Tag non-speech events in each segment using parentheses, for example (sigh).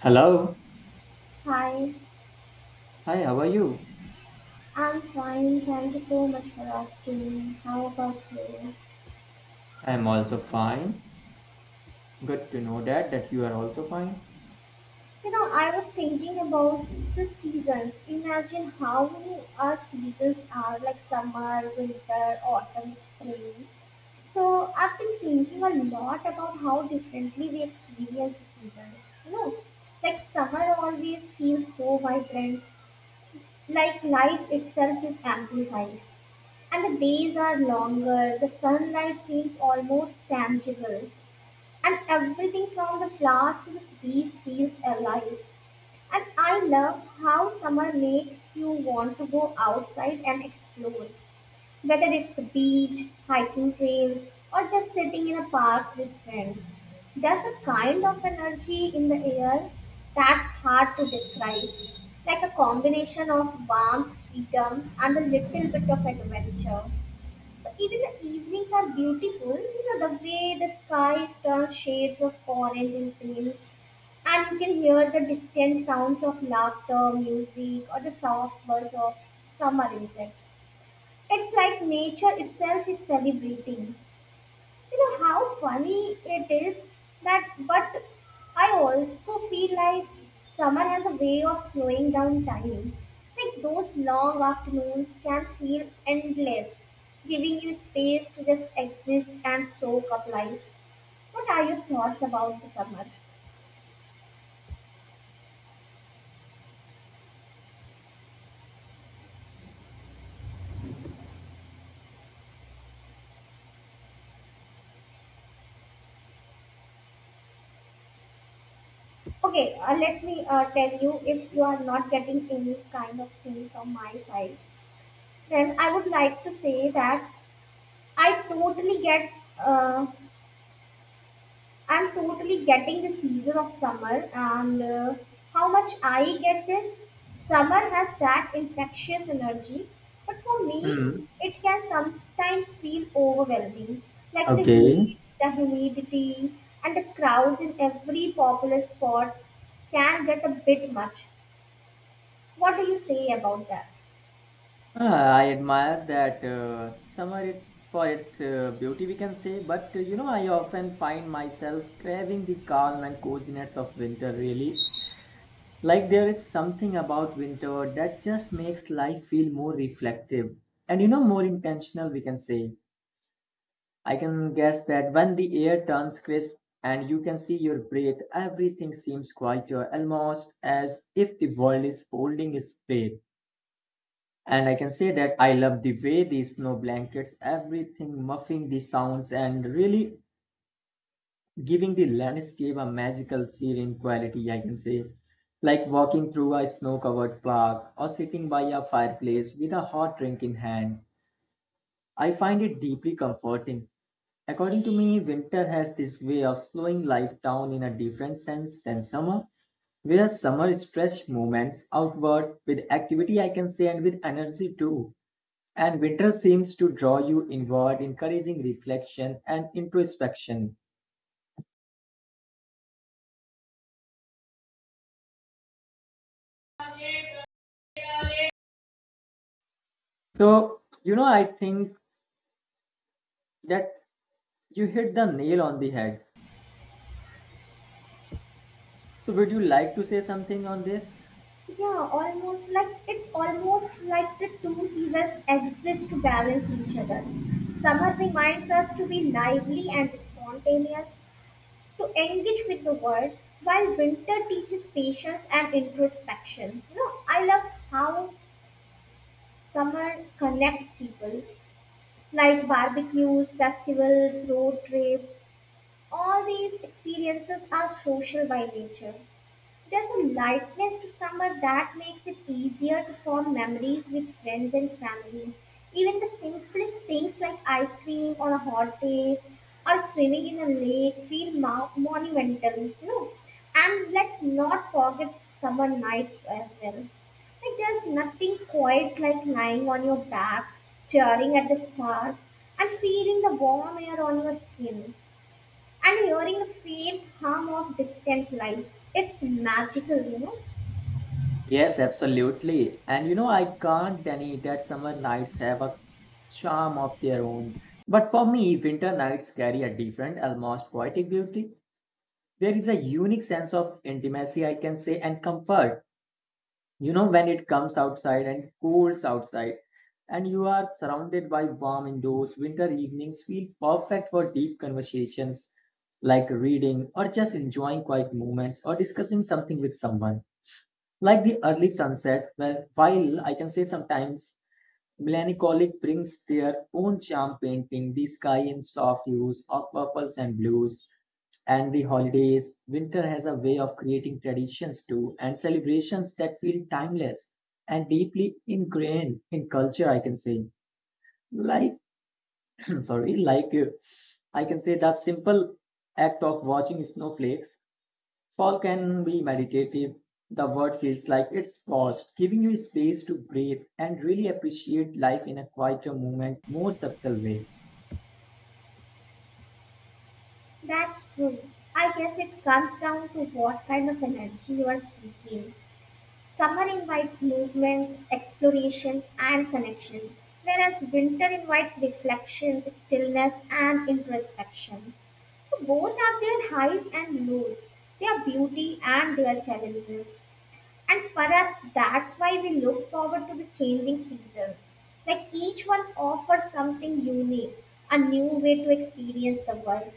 Hello. Hi, Hi, how are you? I'm fine. Thank you so much for asking. How about you? I am also fine. Good to know that you are also fine. You know, I was thinking about the seasons. Imagine how many our seasons are like summer, winter, autumn, spring. So I've been thinking a lot about how differently we experience the seasons. You know, like summer always feels so vibrant, like life itself is amplified. And the days are longer, the sunlight seems almost tangible. And everything from the flowers to the cities feels alive. And I love how summer makes you want to go outside and explore, whether it's the beach, hiking trails, or just sitting in a park with friends. There's a kind of energy in the air that's hard to describe, like a combination of warmth, freedom, and a little bit of adventure. So even the evenings are beautiful, you know, the way the sky turns shades of orange and pink, and you can hear the distant sounds of laughter, music, or the soft buzz of summer insects. It's like nature itself is celebrating. You know how funny it is that, but I also feel like summer has a way of slowing down time. Like those long afternoons can feel endless, giving you space to just exist and soak up life. What are your thoughts about the summer? Okay, let me tell you if you are not getting any kind of thing from my side, then I would like to say that I totally get uh, I'm totally getting the season of summer, and how much I get this. Summer has that infectious energy, but for me, Hmm. it can sometimes feel overwhelming like the Okay. heat, the humidity, and the crowds in every popular spot can get a bit much. What do you say about that? Ah, I admire that summer it, for its beauty, we can say. But I often find myself craving the calm and coziness of winter, really. Like there is something about winter that just makes life feel more reflective and more intentional we can say. I can guess that when the air turns crisp and you can see your breath, everything seems quieter, almost as if the world is holding its breath. And I can say that I love the way the snow blankets, everything muffing the sounds and really giving the landscape a magical serene quality I can say, like walking through a snow covered park or sitting by a fireplace with a hot drink in hand, I find it deeply comforting. According to me, winter has this way of slowing life down in a different sense than summer, where summer stretch movements outward with activity I can say, and with energy too, and winter seems to draw you inward, encouraging reflection and introspection. So I think that you hit the nail on the head. So, would you like to say something on this? Yeah, almost like it's almost like the two seasons exist to balance each other. Summer reminds us to be lively and spontaneous, to engage with the world, while winter teaches patience and introspection. You know, I love how summer connects people, like barbecues, festivals, road trips. All these experiences are social by nature. There's a lightness to summer that makes it easier to form memories with friends and family. Even the simplest things like ice cream on a hot day or swimming in a lake feel monumental, you know. And let's not forget summer nights as well. Like there's nothing quite like lying on your back, staring at the stars, and feeling the warm air on your skin and hearing the faint hum of distant life. It's magical, you know. Yes, absolutely. And you know, I can't deny that summer nights have a charm of their own. But for me, winter nights carry a different, almost poetic beauty. There is a unique sense of intimacy, I can say, and comfort. You know, when it comes outside and cools outside and you are surrounded by warm indoors, winter evenings feel perfect for deep conversations, like reading or just enjoying quiet moments or discussing something with someone. Like the early sunset, where while I can say sometimes melancholic, brings their own charm, painting the sky in soft hues of purples and blues, and the holidays. Winter has a way of creating traditions too, and celebrations that feel timeless and deeply ingrained in culture, I can say. Like, (clears throat) sorry, like I can say the simple act of watching snowflakes fall can be meditative. The word feels like it's paused, giving you space to breathe and really appreciate life in a quieter moment, more subtle way. That's true. I guess it comes down to what kind of energy you are seeking. Summer invites movement, exploration, and connection, whereas winter invites reflection, stillness, and introspection. So both have their highs and lows, their beauty and their challenges. And perhaps that's why we look forward to the changing seasons. Like each one offers something unique, a new way to experience the world.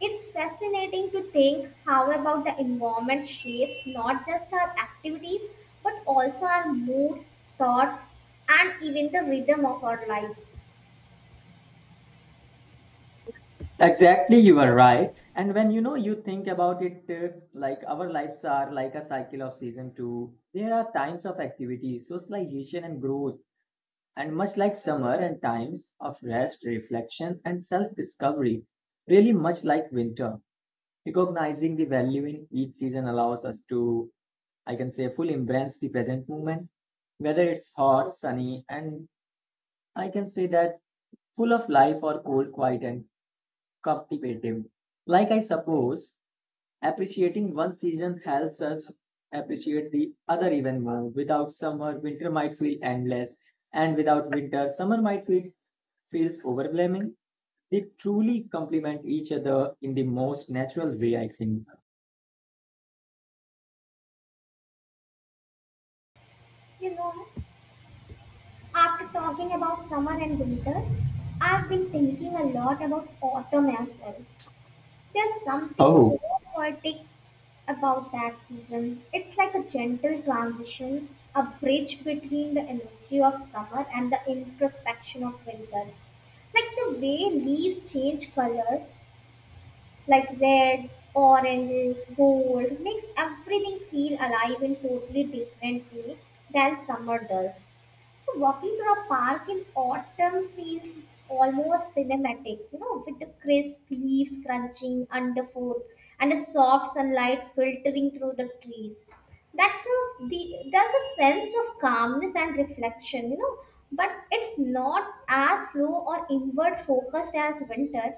It's fascinating to think how about the environment shapes not just our activities but also our moods, thoughts, and even the rhythm of our lives. Exactly, you are right. And when you think about it, like our lives are like a cycle of season two. There are times of activity, socialization, and growth, and much like summer, and times of rest, reflection, and self discovery. Really, much like winter. Recognizing the value in each season allows us to, I can say, fully embrace the present moment, whether it's hot, sunny, and I can say that full of life, or cold, quiet, and cultivative. Like I suppose, appreciating one season helps us appreciate the other even more. Without summer, winter might feel endless, and without winter, summer might feels overwhelming. They truly complement each other in the most natural way, I think. You know, after talking about summer and winter, I've been thinking a lot about autumn as well. There's something so Oh, poetic about that season. It's like a gentle transition, a bridge between the energy of summer and the introspection of winter. Like the way leaves change color, like red, oranges, gold, makes everything feel alive in totally different way than summer does. So walking through a park in autumn feels almost cinematic, you know, with the crisp leaves crunching underfoot and the soft sunlight filtering through the trees. There's a sense of calmness and reflection, you know, but it's not as slow or inward focused as winter.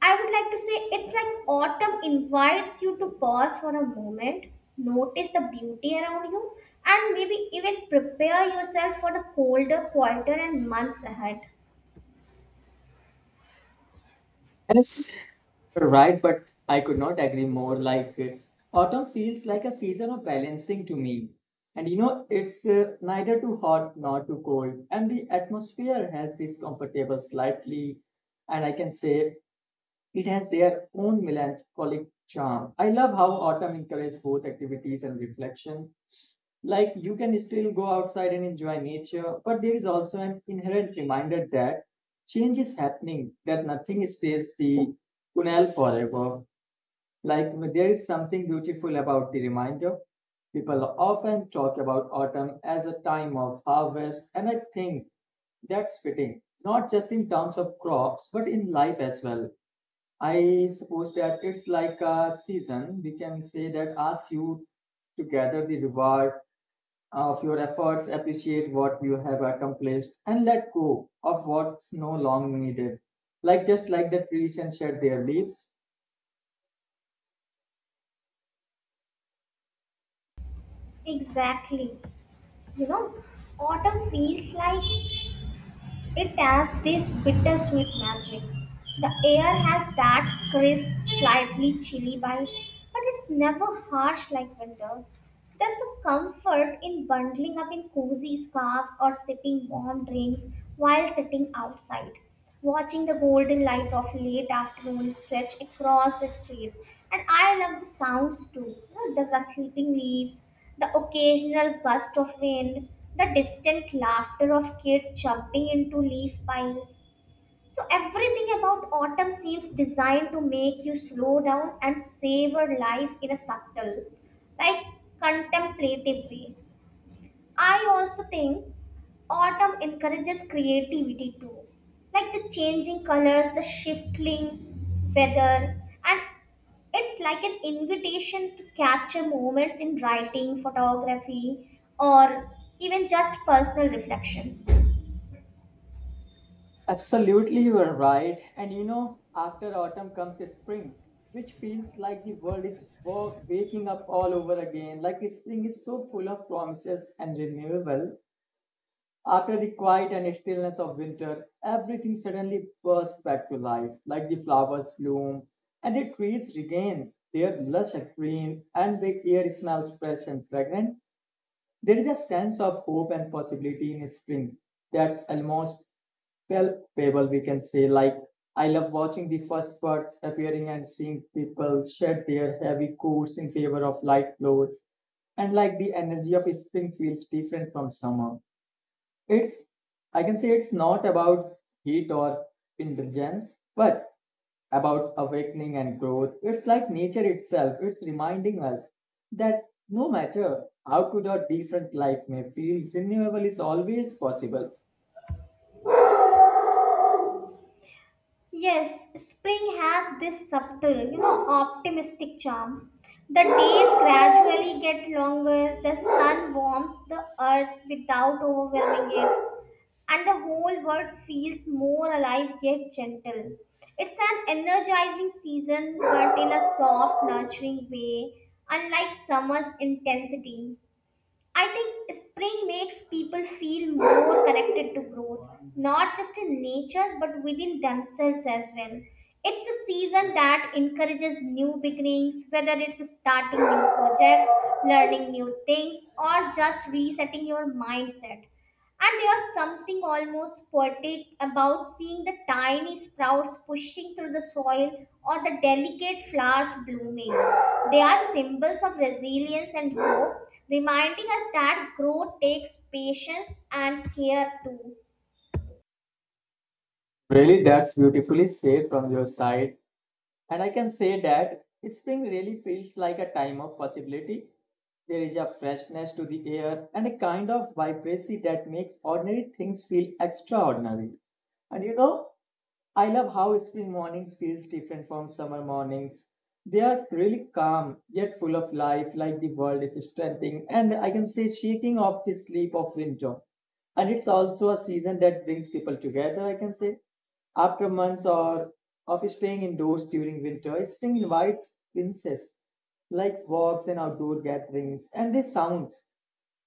I would like to say it's like autumn invites you to pause for a moment, notice the beauty around you, and maybe even prepare yourself for the colder, quieter, and months ahead. yes. Right, but I could not agree more. Like autumn feels like a season of balancing to me. And you know, it's neither too hot nor too cold. And the atmosphere has this comfortable slightly, and I can say it has their own melancholic charm. I love how autumn encourages both activities and reflection. Like you can still go outside and enjoy nature, but there is also an inherent reminder that change is happening, that nothing stays the Kunal forever. Like there is something beautiful about the reminder. People often talk about autumn as a time of harvest, and I think that's fitting, not just in terms of crops, but in life as well. I suppose that it's like a season, we can say, that asks you to gather the reward of your efforts, appreciate what you have accomplished, and let go of what's no longer needed. Like just like the trees and shed their leaves, Exactly. You know, autumn feels like it has this bittersweet magic. The air has that crisp, slightly chilly bite, but it's never harsh like winter. There's a comfort in bundling up in cozy scarves or sipping warm drinks while sitting outside watching the golden light of late afternoon stretch across the streets. And I love the sounds too, you know, the rustling leaves, the occasional gust of wind, the distant laughter of kids jumping into leaf piles. So everything about autumn seems designed to make you slow down and savor life in a subtle, like contemplative way. I also think autumn encourages creativity too, like the changing colors, the shifting weather, and it's like an invitation to capture moments in writing, photography, or even just personal reflection. absolutely, you are right. And you know, after autumn comes spring, which feels like the world is waking up all over again. Like spring is so full of promises and renewable. After the quiet and stillness of winter, everything suddenly bursts back to life. Like the flowers bloom and the trees regain their lush and green, and the air smells fresh and fragrant. There is a sense of hope and possibility in spring that's almost palpable we can say, like I love watching the first birds appearing and seeing people shed their heavy coats in favor of light clothes. And like the energy of spring feels different from summer. It's, I can say, it's not about heat or indulgence, but about awakening and growth. It's like nature itself it's reminding us that no matter how good or different life may feel, renewal is always possible. Yes, spring has this subtle, you know, optimistic charm. The days gradually get longer, the sun warms the earth without overwhelming it, and the whole world feels more alive yet gentle. It's an energizing season, but in a soft, nurturing way, unlike summer's intensity. I think spring makes people feel more connected to growth, not just in nature, but within themselves as well. It's a season that encourages new beginnings, whether it's starting new projects, learning new things, or just resetting your mindset. And there's something almost poetic about seeing the tiny sprouts pushing through the soil or the delicate flowers blooming. They are symbols of resilience and hope, reminding us that growth takes patience and care too. Really, that's beautifully said from your side. And I can say that spring really feels like a time of possibility. There is a freshness to the air and a kind of vibrancy that makes ordinary things feel extraordinary. And you know, I love how spring mornings feels different from summer mornings. They are really calm yet full of life, like the world is strengthening and I can say shaking off the sleep of winter. And it's also a season that brings people together I can say, after months or of staying indoors during winter. Spring invites princess, like walks and outdoor gatherings, and the sounds,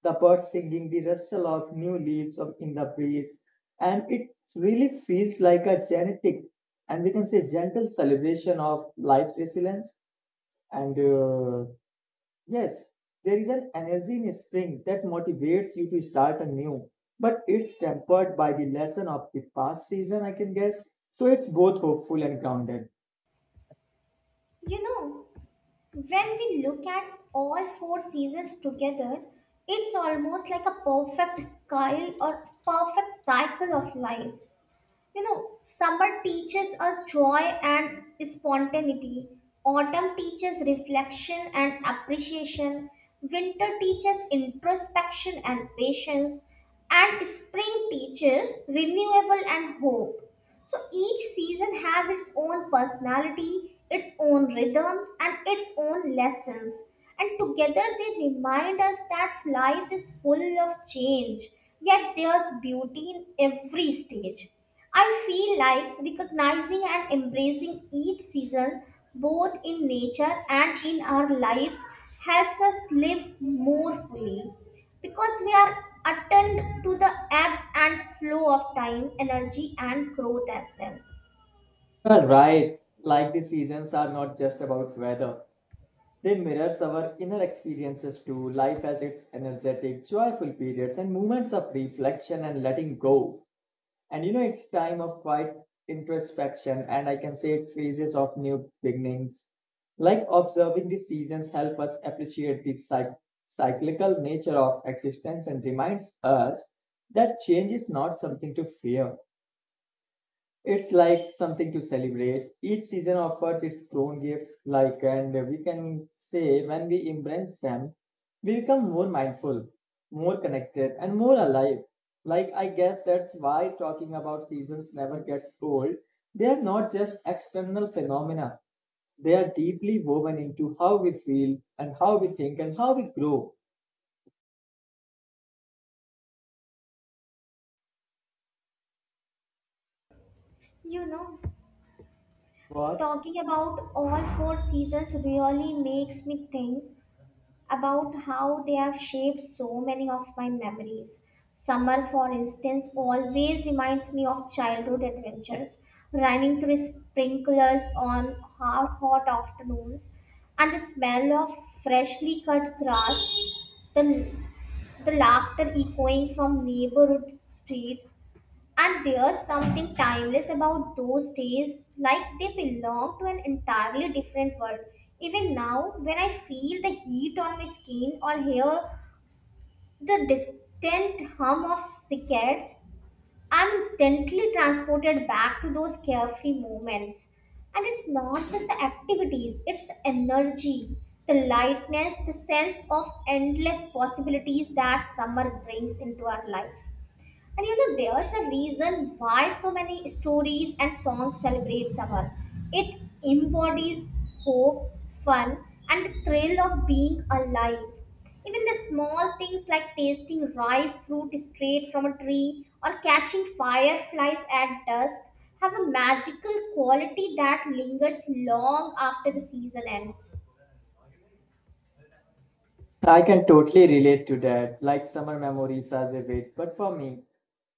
the birds singing, the rustle of new leaves of, in the breeze. And it really feels like a genetic, and we can say gentle celebration of life resilience. And yes, there is an energy in spring that motivates you to start anew, but it's tempered by the lesson of the past season, I can guess. So it's both hopeful and grounded. You know, when we look at all four seasons together, it's almost like a perfect sky or perfect cycle of life. You know, summer teaches us joy and spontaneity. Autumn teaches reflection and appreciation. Winter teaches introspection and patience. And spring teaches renewable and hope. So each season has its own personality, its own rhythm, and its own lessons. And together they remind us that life is full of change, yet there's beauty in every stage. I feel like recognizing and embracing each season, both in nature and in our lives, helps us live more fully because we are attuned to the ebb and flow of time, energy, and growth as well. You are right, like the seasons are not just about weather. They mirror our inner experiences too. Life has its energetic, joyful periods and moments of reflection and letting go. And you know, it's time of quiet introspection, and I can say it phases of new beginnings. Like observing the seasons help us appreciate the cyclical nature of existence and reminds us that change is not something to fear. It's like something to celebrate. Each season offers its own gifts, like, and we can say when we embrace them, we become more mindful, more connected, and more alive. Like, I guess that's why talking about seasons never gets old. They are not just external phenomena, they are deeply woven into how we feel, and how we think, and how we grow. You know, What? talking about all four seasons really makes me think about how they have shaped so many of my memories. Summer, for instance, always reminds me of childhood adventures, running through sprinklers on hot, hot afternoons, and the smell of freshly cut grass, the the laughter echoing from neighborhood streets. And there's something timeless about those days, like they belong to an entirely different world. Even now, when I feel the heat on my skin or hear the distant hum of cicadas, I'm instantly transported back to those carefree moments. And it's not just the activities, it's the energy, the lightness, the sense of endless possibilities that summer brings into our life. And you know, there's a reason why so many stories and songs celebrate summer. It embodies hope, fun, and the thrill of being alive. Even the small things like tasting ripe fruit straight from a tree or catching fireflies at dusk have a magical quality that lingers long after the season ends. I can totally relate to that. Like, summer memories are vivid, but for me,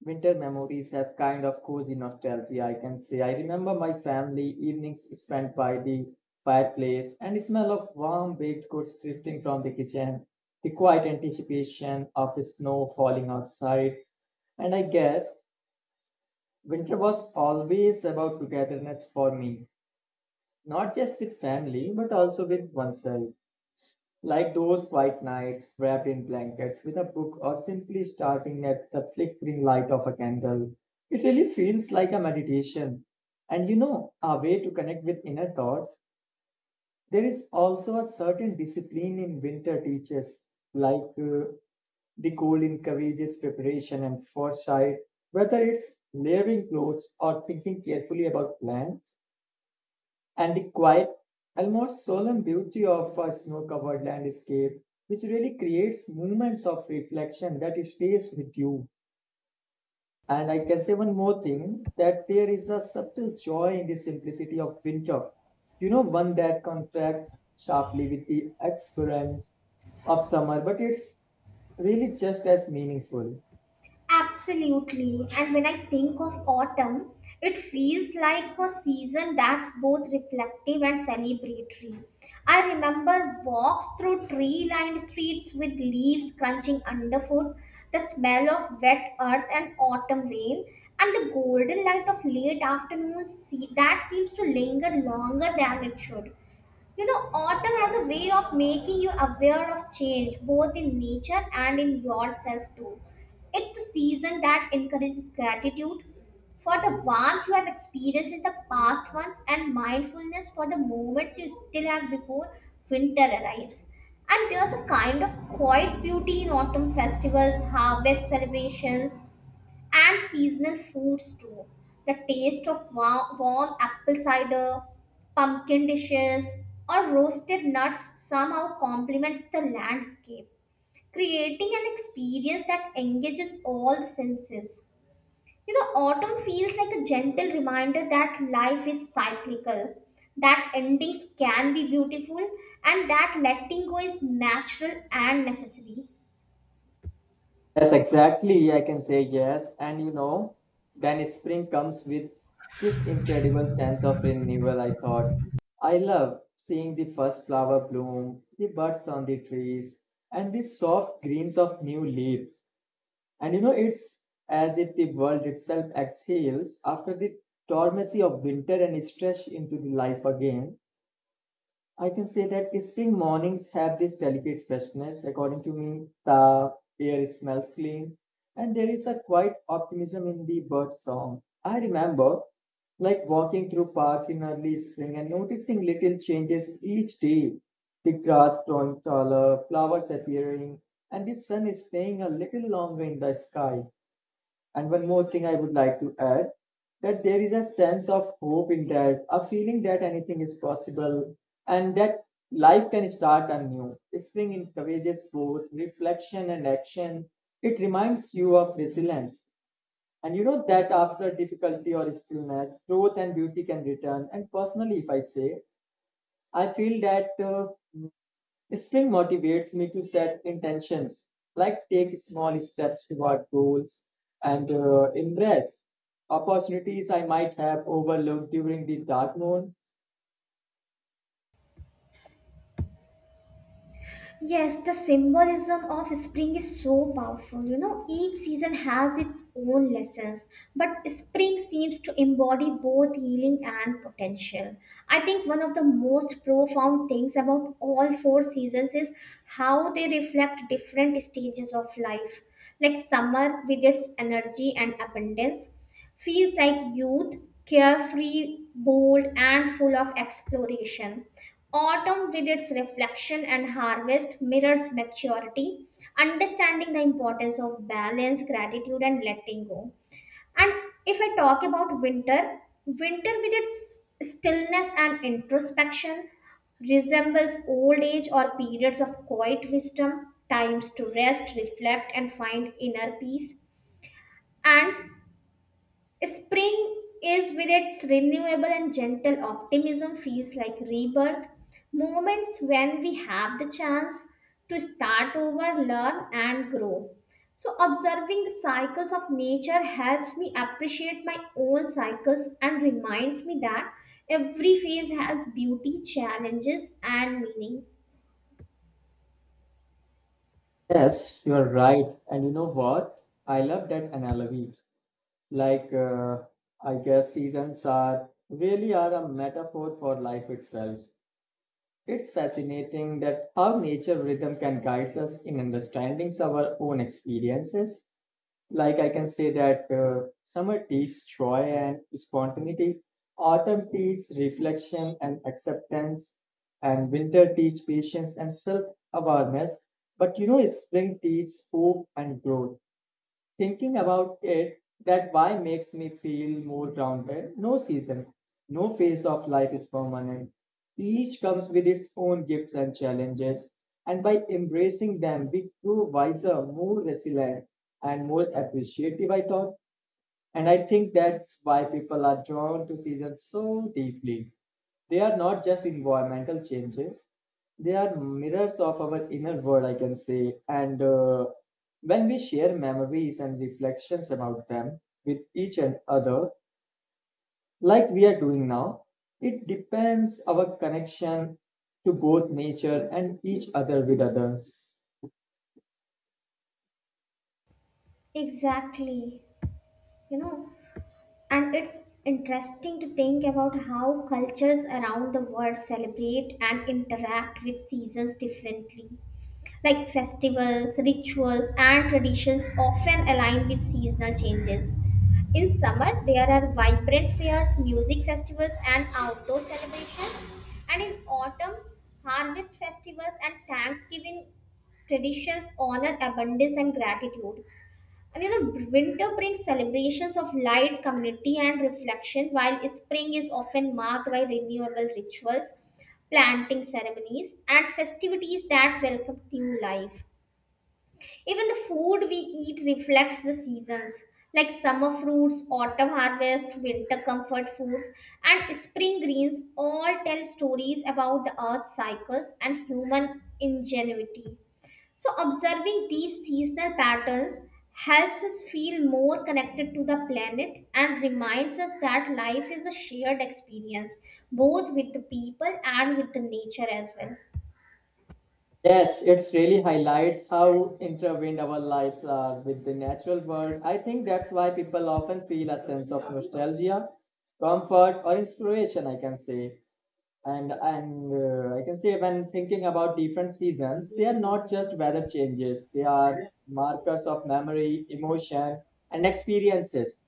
winter memories have kind of cozy nostalgia, I can say. I remember my family evenings spent by the fireplace and the smell of warm baked goods drifting from the kitchen, the quiet anticipation of snow falling outside. And I guess winter was always about togetherness for me, not just with family, but also with oneself. Like those quiet nights wrapped in blankets with a book or simply starting at the flickering light of a candle. It really feels like a meditation. And you know, a way to connect with inner thoughts. There is also a certain discipline in winter teaches, like the cold encourages preparation and foresight, whether it's layering clothes or thinking carefully about plans, and the quiet, almost solemn beauty of a snow-covered landscape, which really creates moments of reflection that stays with you. And I can say one more thing, that there is a subtle joy in the simplicity of winter. You know, one that contrasts sharply with the exuberance of summer, but it's really just as meaningful. Absolutely. And when I think of autumn, it feels like a season that's both reflective and celebratory. I remember walks through tree lined streets with leaves crunching underfoot, the smell of wet earth and autumn rain, and the golden light of late afternoon that seems to linger longer than it should. You know, autumn has a way of making you aware of change, both in nature and in yourself too. It's a season that encourages gratitude for the warmth you have experienced in the past months and mindfulness for the moments you still have before winter arrives. And there's a kind of quiet beauty in autumn festivals, harvest celebrations, and seasonal foods too. The taste of warm apple cider, pumpkin dishes, or roasted nuts somehow complements the landscape, creating an experience that engages all the senses. You know, autumn feels like a gentle reminder that life is cyclical, that endings can be beautiful, and that letting go is natural and necessary. Yes, exactly. I can say yes. And you know, then spring comes with this incredible sense of renewal, I thought. I love seeing the first flower bloom, the buds on the trees, and the soft greens of new leaves. And you know, it's as if the world itself exhales after the dormancy of winter and stretch into the life again. I can say that spring mornings have this delicate freshness. According to me, the air smells clean, and there is a quiet optimism in the bird song. I remember like walking through parks in early spring and noticing little changes each day. The grass growing taller, flowers appearing, and the sun is staying a little longer in the sky. And one more thing I would like to add, that there is a sense of hope in that, a feeling that anything is possible and that life can start anew. Spring encourages both reflection and action. It reminds you of resilience. And you know that after difficulty or stillness, growth and beauty can return. And personally, if I say, I feel that spring motivates me to set intentions, like take small steps toward goals and embrace opportunities I might have overlooked during the dark moon. Yes, the symbolism of spring is so powerful. You know, each season has its own lessons, but spring seems to embody both healing and potential. I think one of the most profound things about all four seasons is how they reflect different stages of life. Like summer with its energy and abundance, feels like youth, carefree, bold, and full of exploration. Autumn, with its reflection and harvest, mirrors maturity, understanding the importance of balance, gratitude, and letting go. And if I talk about winter, winter with its stillness and introspection resembles old age or periods of quiet wisdom, times to rest, reflect, and find inner peace. And spring is with its renewable and gentle optimism feels like rebirth, moments when we have the chance to start over, learn, and grow. So, observing the cycles of nature helps me appreciate my own cycles and reminds me that every phase has beauty, challenges, and meaning. Yes, you're right. And you know what? I love that analogy. Like, uh, I guess seasons are really are a metaphor for life itself. It's fascinating that how nature rhythm can guide us in understanding our own experiences. Like I can say that summer teaches joy and spontaneity, autumn teaches reflection and acceptance, and winter teaches patience and self awareness. But you know, spring teaches hope and growth. Thinking about it, that why makes me feel more grounded. No season, no phase of life is permanent. Each comes with its own gifts and challenges, and by embracing them, we grow wiser, more resilient, and more appreciative, I thought. And I think that's why people are drawn to seasons so deeply. They are not just environmental changes, they are mirrors of our inner world, I can say. And When we share memories and reflections about them with each and other, like we are doing now, it depends our connection to both nature and each other with others. Exactly. You know, and it's interesting to think about how cultures around the world celebrate and interact with seasons differently. Like festivals, rituals, and traditions often align with seasonal changes. In summer, there are vibrant fairs, music festivals, and outdoor celebrations. And in autumn, harvest festivals and Thanksgiving traditions honor abundance and gratitude. And you know, winter brings celebrations of light, community, and reflection, while spring is often marked by renewable rituals, planting ceremonies, and festivities that welcome new life. Even the food we eat reflects the seasons, like summer fruits, autumn harvest, winter comfort foods, and spring greens all tell stories about the earth's cycles and human ingenuity. So, observing these seasonal patterns helps us feel more connected to the planet and reminds us that life is a shared experience, both with the people and with the nature as well. Yes, it's really highlights how intertwined our lives are with the natural world. I think that's why people often feel a sense of nostalgia, comfort, or inspiration, I can say. And I can say when thinking about different seasons, they are not just weather changes, they are markers of memory, emotion, and experiences.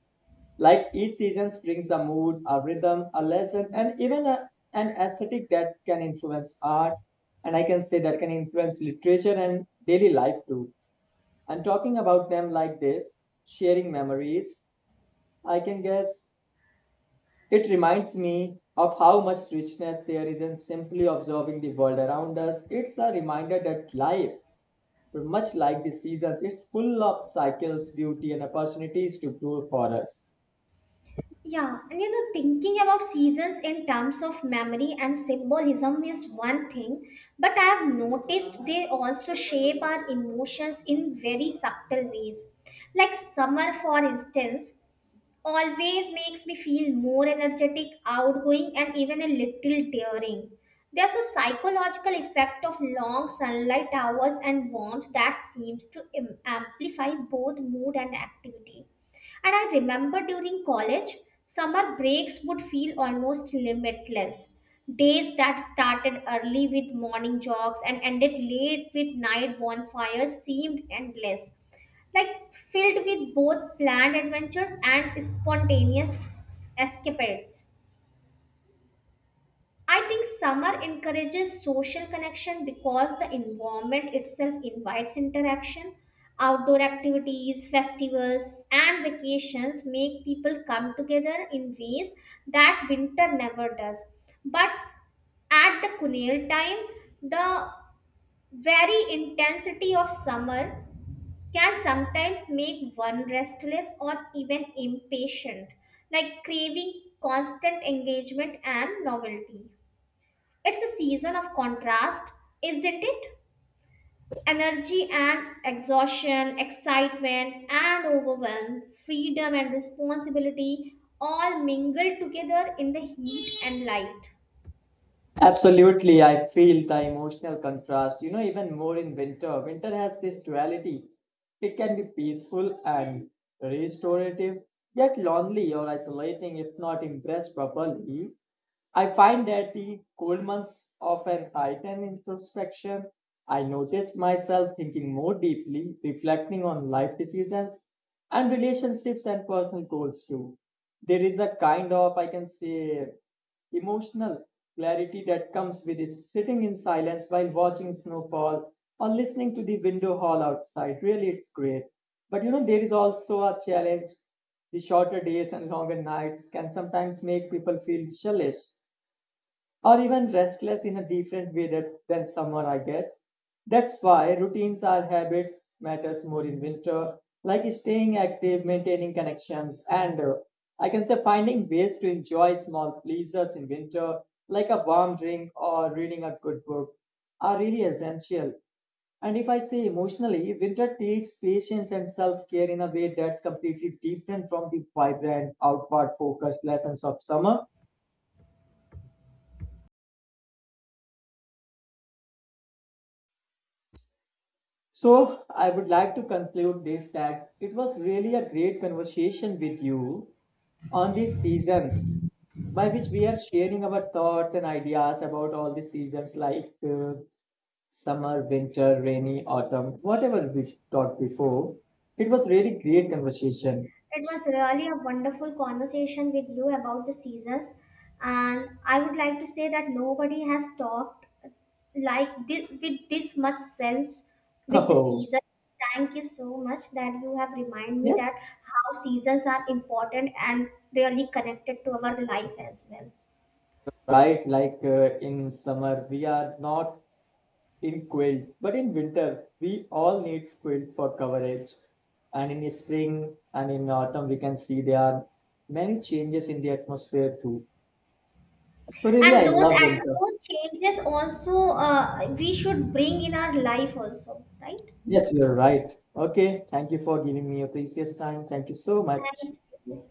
Like each season brings a mood, a rhythm, a lesson, and even an aesthetic that can influence art. And I can say that can influence literature and daily life too. And talking about them like this, sharing memories, I can guess it reminds me of how much richness there is in simply observing the world around us. It's a reminder that life, much like the seasons, is full of cycles, beauty, and opportunities to grow for us. Yeah, and you know, thinking about seasons in terms of memory and symbolism is one thing, but I have noticed they also shape our emotions in very subtle ways. Like summer, for instance, always makes me feel more energetic, outgoing, and even a little daring. There's a psychological effect of long sunlight hours and warmth that seems to amplify both mood and activity. And I remember during college, summer breaks would feel almost limitless. Days that started early with morning jogs and ended late with night bonfires seemed endless, like filled with both planned adventures and spontaneous escapades. I think summer encourages social connection because the environment itself invites interaction. Outdoor activities, festivals, and vacations make people come together in ways that winter never does. But at the Kunil time, the very intensity of summer can sometimes make one restless or even impatient, like craving constant engagement and novelty. It's a season of contrast, isn't it? Energy and exhaustion, excitement and overwhelm, freedom and responsibility all mingle together in the heat and light. Absolutely, I feel the emotional contrast, you know, even more in winter. Winter has this duality. It can be peaceful and restorative, yet lonely or isolating if not impressed properly. I find that the cold months often heighten introspection. I notice myself thinking more deeply, reflecting on life decisions and relationships and personal goals too. There is a kind of, I can say, emotional clarity that comes with is sitting in silence while watching snowfall or listening to the window hall outside. Really, it's great. But you know, there is also a challenge. The shorter days and longer nights can sometimes make people feel sluggish or even restless in a different way than summer, I guess. That's why routines or habits matters more in winter, like staying active, maintaining connections, and I can say finding ways to enjoy small pleasures in winter, like a warm drink or reading a good book, are really essential. And if I say emotionally, winter teaches patience and self care in a way that's completely different from the vibrant, outward focused lessons of summer. So, I would like to conclude this that it was really a great conversation with you on these seasons, by which we are sharing our thoughts and ideas about all the seasons like summer, winter, rainy, autumn, whatever we talked before. It was really great conversation. It (laughs) was really a wonderful conversation with you about the seasons, and I would like to say that nobody has talked like this with this much sense with the Oh, season. Thank you so much that you have reminded me yes, that how seasons are important and really connected to our life as well. right. In summer, we are not in quilt. But in winter, we all need quilt for coverage. And in spring and in autumn, we can see there are many changes in the atmosphere too. So really, I love And winter. those changes also we should bring in our life also, right? Yes, you're right. Okay, thank you for giving me your precious time. Thank you so much. Thank you.